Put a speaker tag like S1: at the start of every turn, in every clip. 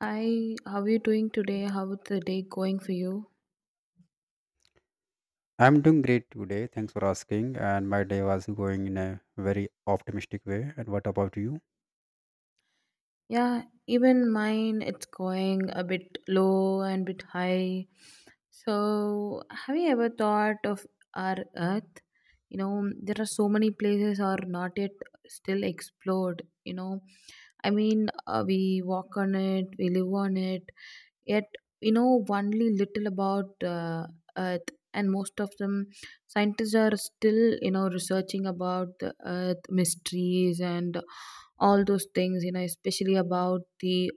S1: Hi, how are you doing today? How is the day going for you?
S2: I'm doing great today. Thanks for asking. And my day was going in a very optimistic way. And what about you?
S1: Yeah, even mine, it's going a bit low and bit high. So, have you ever thought of our Earth? You know, there are so many places are not yet still explored. We walk on it, we live on it, yet we know only little about earth, and most of them scientists are still researching about the earth mysteries and all those things, especially about the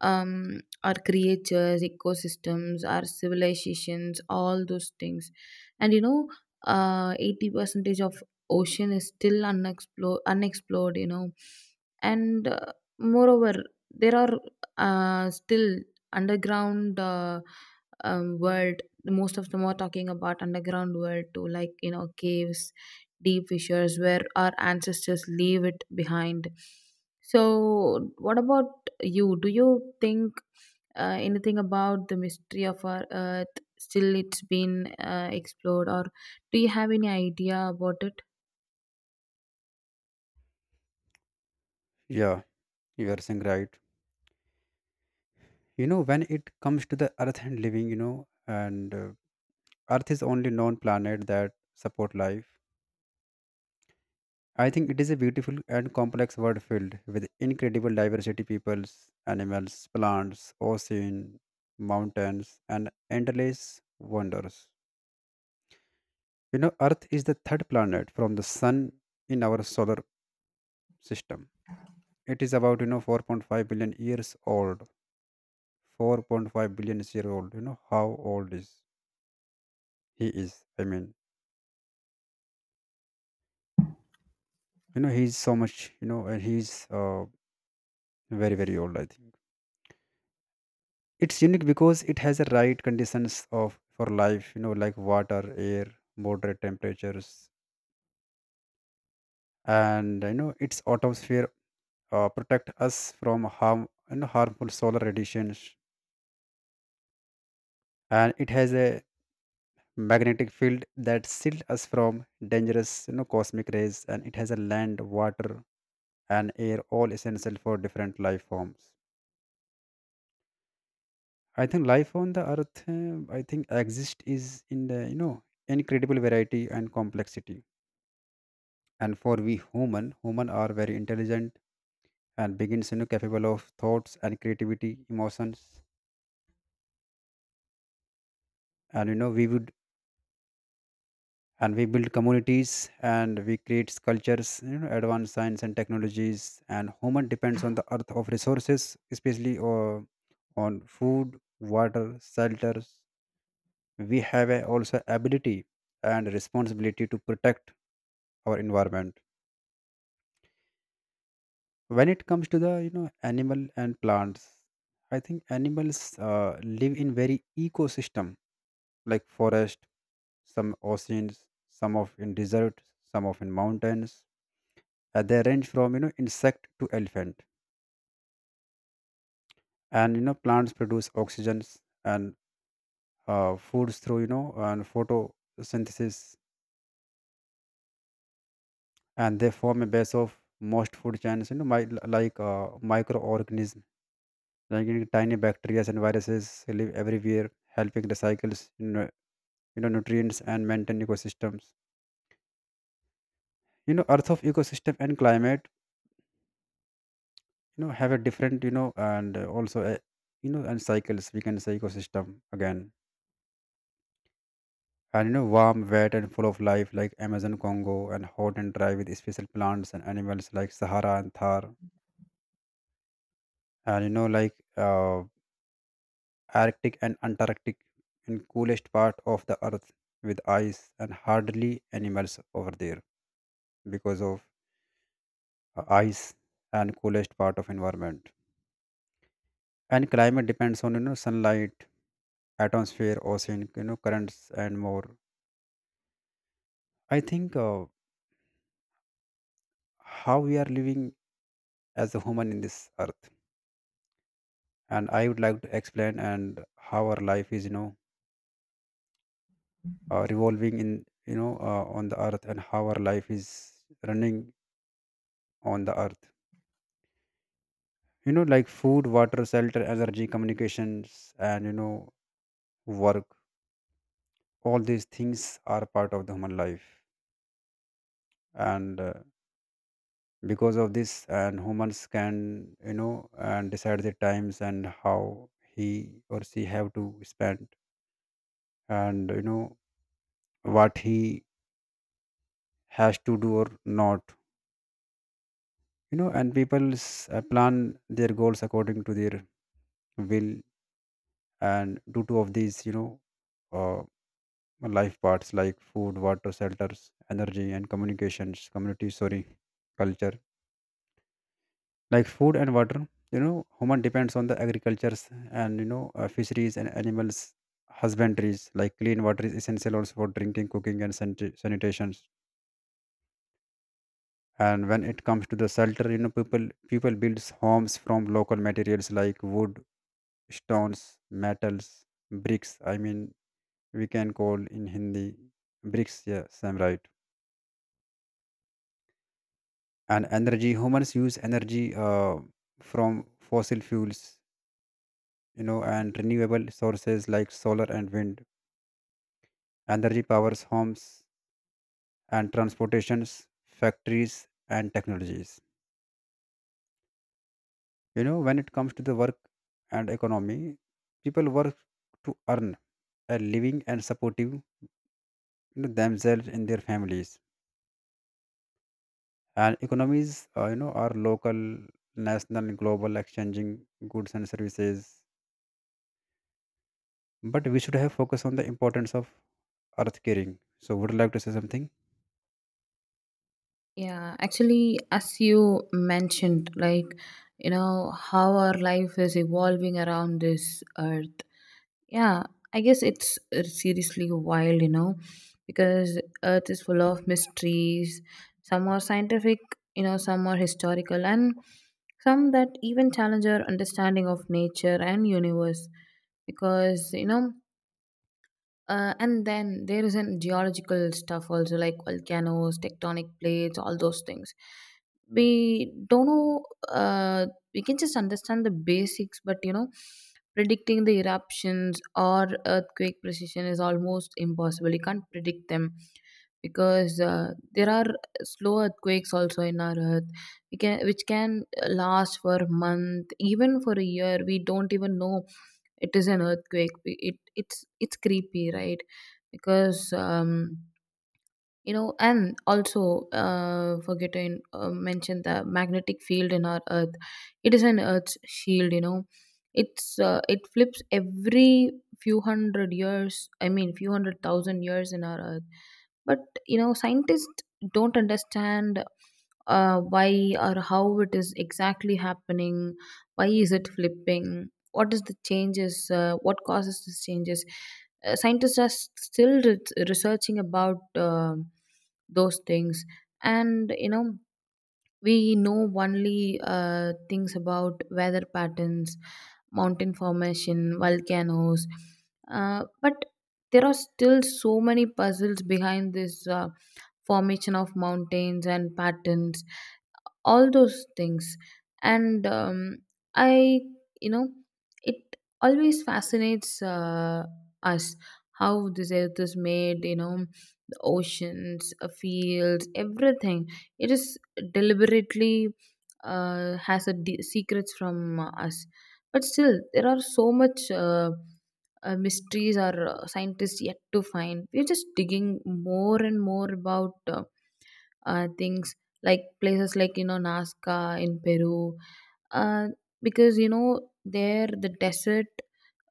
S1: our creatures, ecosystems, our civilizations, all those things. And you know, 80 percentage of ocean is still unexplored, you know. And moreover, there are still underground world. Most of them are talking about underground world too, like, you know, caves, deep fissures where our ancestors leave it behind. So, what about you, do you think anything about the mystery of our earth, still it's been explored, or do you have any idea about it?
S2: Yeah, you are saying right. When it comes to the Earth and living, and Earth is only known planet that support life. I think it is a beautiful and complex world filled with incredible diversity, peoples, animals, plants, ocean, mountains, and endless wonders. Earth is the third planet from the sun in our solar system. It is about 4.5 billion years old. 4.5 billion years old. How old is he is, I mean, he's so much, and he's very very old, I think. It's unique because it has the right conditions of for life, like water, air, moderate temperatures, and its atmosphere protect us from harm, harmful solar radiations, and it has a magnetic field that shield us from dangerous, cosmic rays, and it has a land, water, and air, all essential for different life forms. I think life on the earth, I think exist is in the, incredible variety and complexity. And for we human are very intelligent and begins capable of thoughts and creativity emotions. And we would and we build communities, and we create cultures, advanced science and technologies, and human depends on the earth of resources, especially on food, water, shelters. We have also ability and responsibility to protect our environment. When it comes to the, animal and plants, I think animals, live in very ecosystem, like forest, some oceans, some of in desert, some of in mountains. They range from, insect to elephant, and plants produce oxygens, and foods through, you know and photosynthesis, and they form a base of most food chains. Like microorganisms, like tiny bacteria and viruses live everywhere, helping recycles, nutrients, and maintain ecosystems. Earth of ecosystem and climate, have a different, you know and also you know and cycles, we can say ecosystem again, and warm wet and full of life, like Amazon, Congo, and hot and dry with special plants and animals, like Sahara and Thar, and like Arctic and Antarctic, and coolest part of the earth with ice and hardly animals over there, because of ice and coolest part of environment, and climate depends on, sunlight, atmosphere, ocean, currents and more. I think, how we are living as a human in this earth, and I would like to explain and how our life is, revolving in, on the earth, and how our life is running on the earth, like food, water, shelter, energy, communications, and work. All these things are part of the human life, and because of this, and humans can, and decide the times, and how he or she have to spend, and what he has to do or not, and people plan their goals according to their will. And due to of these, uh, life parts, like food, water, shelters, energy, and communications, community, sorry, culture, like food and water, human depends on the agricultures, and fisheries and animals husbandries, like clean water is essential also for drinking, cooking, and sanitations. And when it comes to the shelter, people builds homes from local materials, like wood, stones, metals, bricks. I mean, we can call in Hindi bricks. Yeah, same right. And energy, humans use energy, from fossil fuels, and renewable sources like solar and wind. Energy powers homes and transportations, factories and technologies. When it comes to the work and economy, people work to earn a living and supportive, themselves and their families, and economies, are local, national, global, exchanging goods and services. But we should have focus on the importance of earth caring. So would you like to say something?
S1: Yeah, actually, as you mentioned, like, you know, how our life is evolving around this earth. Yeah, I guess it's seriously wild, you know, because Earth is full of mysteries. Some are scientific, you know, some are historical, and some that even challenge our understanding of nature and universe. Because, you know, and then there is an geological stuff also, like volcanoes, tectonic plates, all those things. We don't know. We can just understand the basics, but you know, predicting the eruptions or earthquake precision is almost impossible. You can't predict them because there are slow earthquakes also in our earth, we can, which can last for a month, even for a year. We don't even know it is an earthquake. It's creepy, right? Because you know, and also forget to mention the magnetic field in our earth. It is an earth's shield, you know. It flips every few hundred years, I mean few hundred thousand years in our earth. But you know, scientists don't understand why or how it is exactly happening, why is it flipping, what is the changes, what causes these changes. Scientists are still researching about those things. And you know, we know only things about weather patterns, mountain formation, volcanoes, but there are still so many puzzles behind this, formation of mountains and patterns, all those things. And um, i you know it always fascinates us how this earth is made, you know, the oceans, fields, everything. It is deliberately has secrets from us. But still there are so much mysteries our scientists yet to find. We're just digging more and more about things, like places like, you know, Nazca in Peru, uh, because you know there the desert,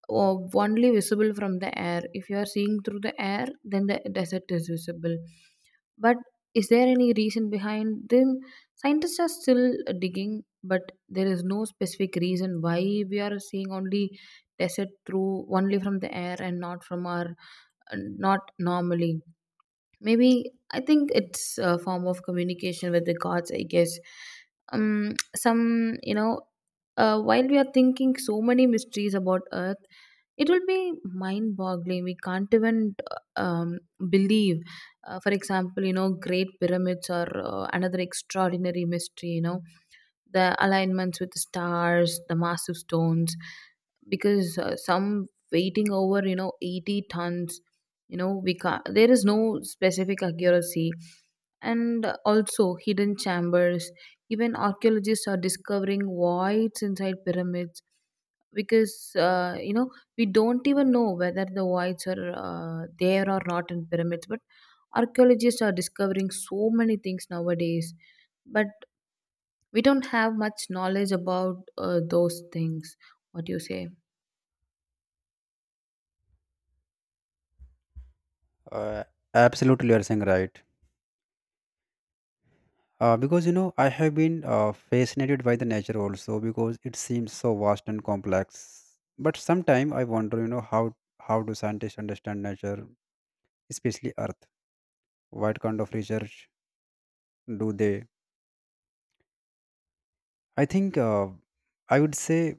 S1: only visible from the air. If you are seeing through the air, then the desert is visible. But is there any reason behind them? Scientists are still digging, but there is no specific reason why we are seeing only desert through only from the air and not from our uh, not normally. Maybe I think it's a form of communication with the gods, I guess. Some you know While we are thinking so many mysteries about earth, it will be mind boggling, we can't even um, believe. For example, you know, great pyramids are another extraordinary mystery, you know, the alignments with the stars, the massive stones, because some weighting over you know 80 tons. You know, we can't, there is no specific accuracy, and also hidden chambers. Even archaeologists are discovering voids inside pyramids, because you know, we don't even know whether the voids are there or not in pyramids, but archaeologists are discovering so many things nowadays. But we don't have much knowledge about those things. What do you say?
S2: Uh, absolutely, you are saying right. Because I have been, fascinated by the nature also, because it seems so vast and complex, but sometimes I wonder, how do scientists understand nature, especially earth? What kind of research do they? I think, I would say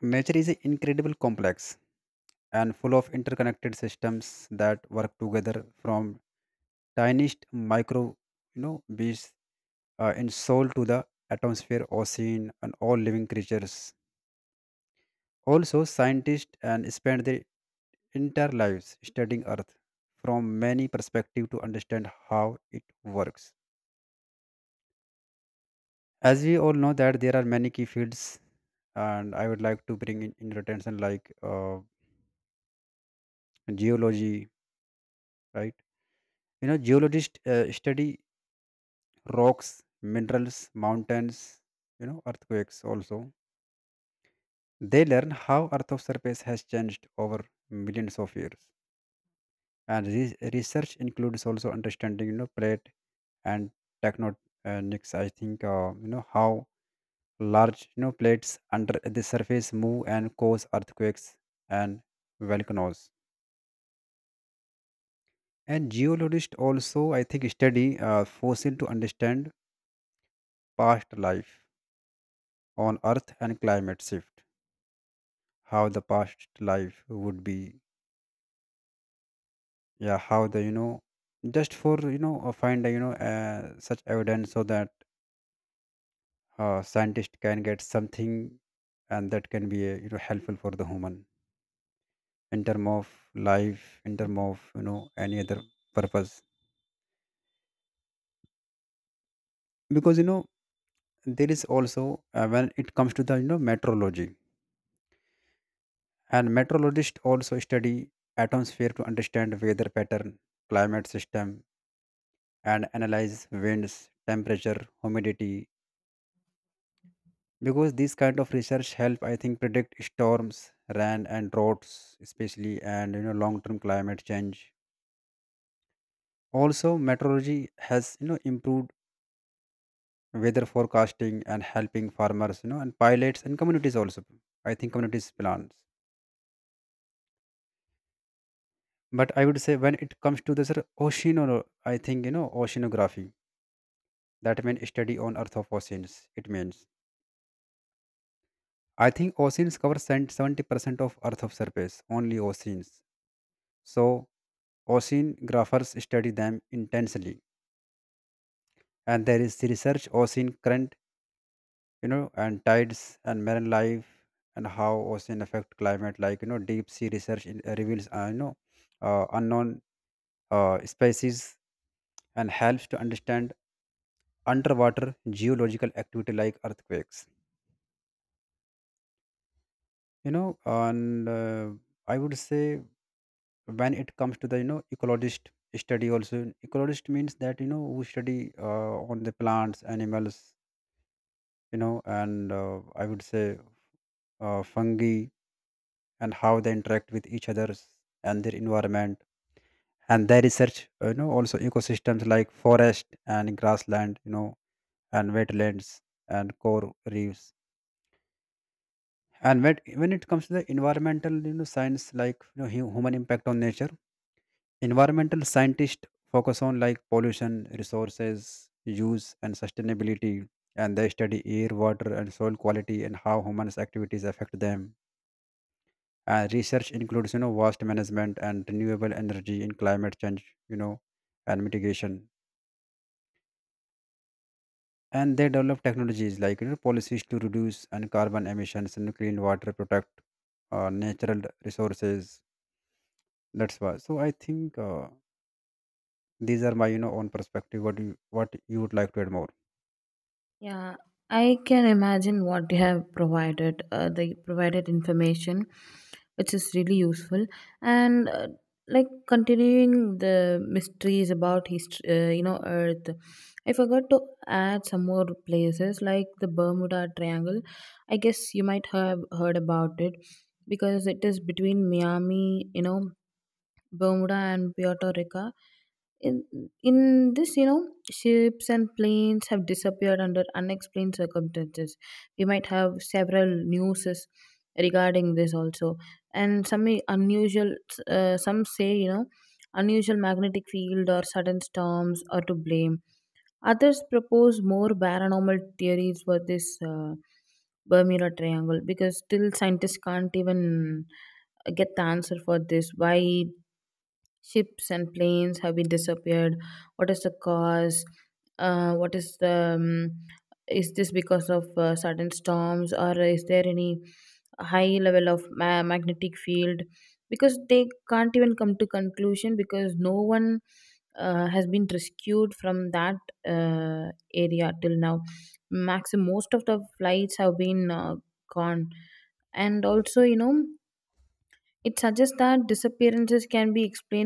S2: nature is incredibly complex and full of interconnected systems that work together, from tiniest micro, beads, in soul, to the atmosphere, ocean, and all living creatures. Also scientists and spend their entire lives studying earth from many perspectives to understand how it works. As we all know that there are many key fields, and I would like to bring in your attention like, geology, right? Geologists, study rocks, minerals, mountains, earthquakes also. They learn how Earth's surface has changed over millions of years, and research includes also understanding, plate and tectonics. I think, how large, plates under the surface move and cause earthquakes and volcanoes. And geologists also, I think, study fossil to understand past life on earth and climate shift. How the past life would be? Yeah, how the, just for, find, such evidence, so that, scientist can get something, and that can be, helpful for the human, in term of life, in term of, any other purpose. Because, there is also, when it comes to the, meteorology, and meteorologists also study atmosphere to understand weather pattern, climate system, and analyze winds, temperature, humidity. Because this kind of research help, I think, predict storms, rain and droughts especially, and long term climate change. Also meteorology has improved weather forecasting, and helping farmers, and pilots and communities also, I think, communities plans. But I would say when it comes to the, I think, oceanography, that means study on earth of oceans. It means, I think, oceans cover 70% of Earth's surface, only oceans. So, oceanographers study them intensely. And there is research ocean current, and tides and marine life, and how ocean affect climate. Like, deep sea research reveals, unknown, species, and helps to understand underwater geological activity like earthquakes. You know, and I would say when it comes to the, ecologist study. Also ecologist means that, who study, on the plants, animals, you know and I would say, fungi, and how they interact with each others and their environment. And they research, also ecosystems like forest and grassland, and wetlands and coral reefs. And when it comes to the environmental, science, like human impact on nature. Environmental scientists focus on like pollution, resources, use, and sustainability, and they study air, water, and soil quality, and how humans' activities affect them. And research includes, waste management and renewable energy in climate change, and mitigation. And they develop technologies, like policies to reduce and carbon emissions and clean water, protect, natural resources. That's why. So I think, these are my, own perspective. What do what you would like to add more?
S1: Yeah, I can imagine what they have provided. They provided information which is really useful, and like continuing the mysteries about history, you know, Earth. I forgot to add some more places like the Bermuda Triangle. I guess you might have heard about it, because it is between Miami, you know, Bermuda and Puerto Rico. In, in this, you know, ships and planes have disappeared under unexplained circumstances. We might have several newses regarding this also, and some unusual. Some say, you know, unusual magnetic field or sudden storms are to blame. Others propose more paranormal theories for this Bermuda Triangle, because still scientists can't even get the answer for this. Why ships and planes have been disappeared. What is the cause? What is the Is this because of sudden storms, or is there any high level of magnetic field? Because they can't even come to conclusion, because no one has been rescued from that area till now. Max, most of the flights have been gone, and also you know, it suggests that disappearances can be explained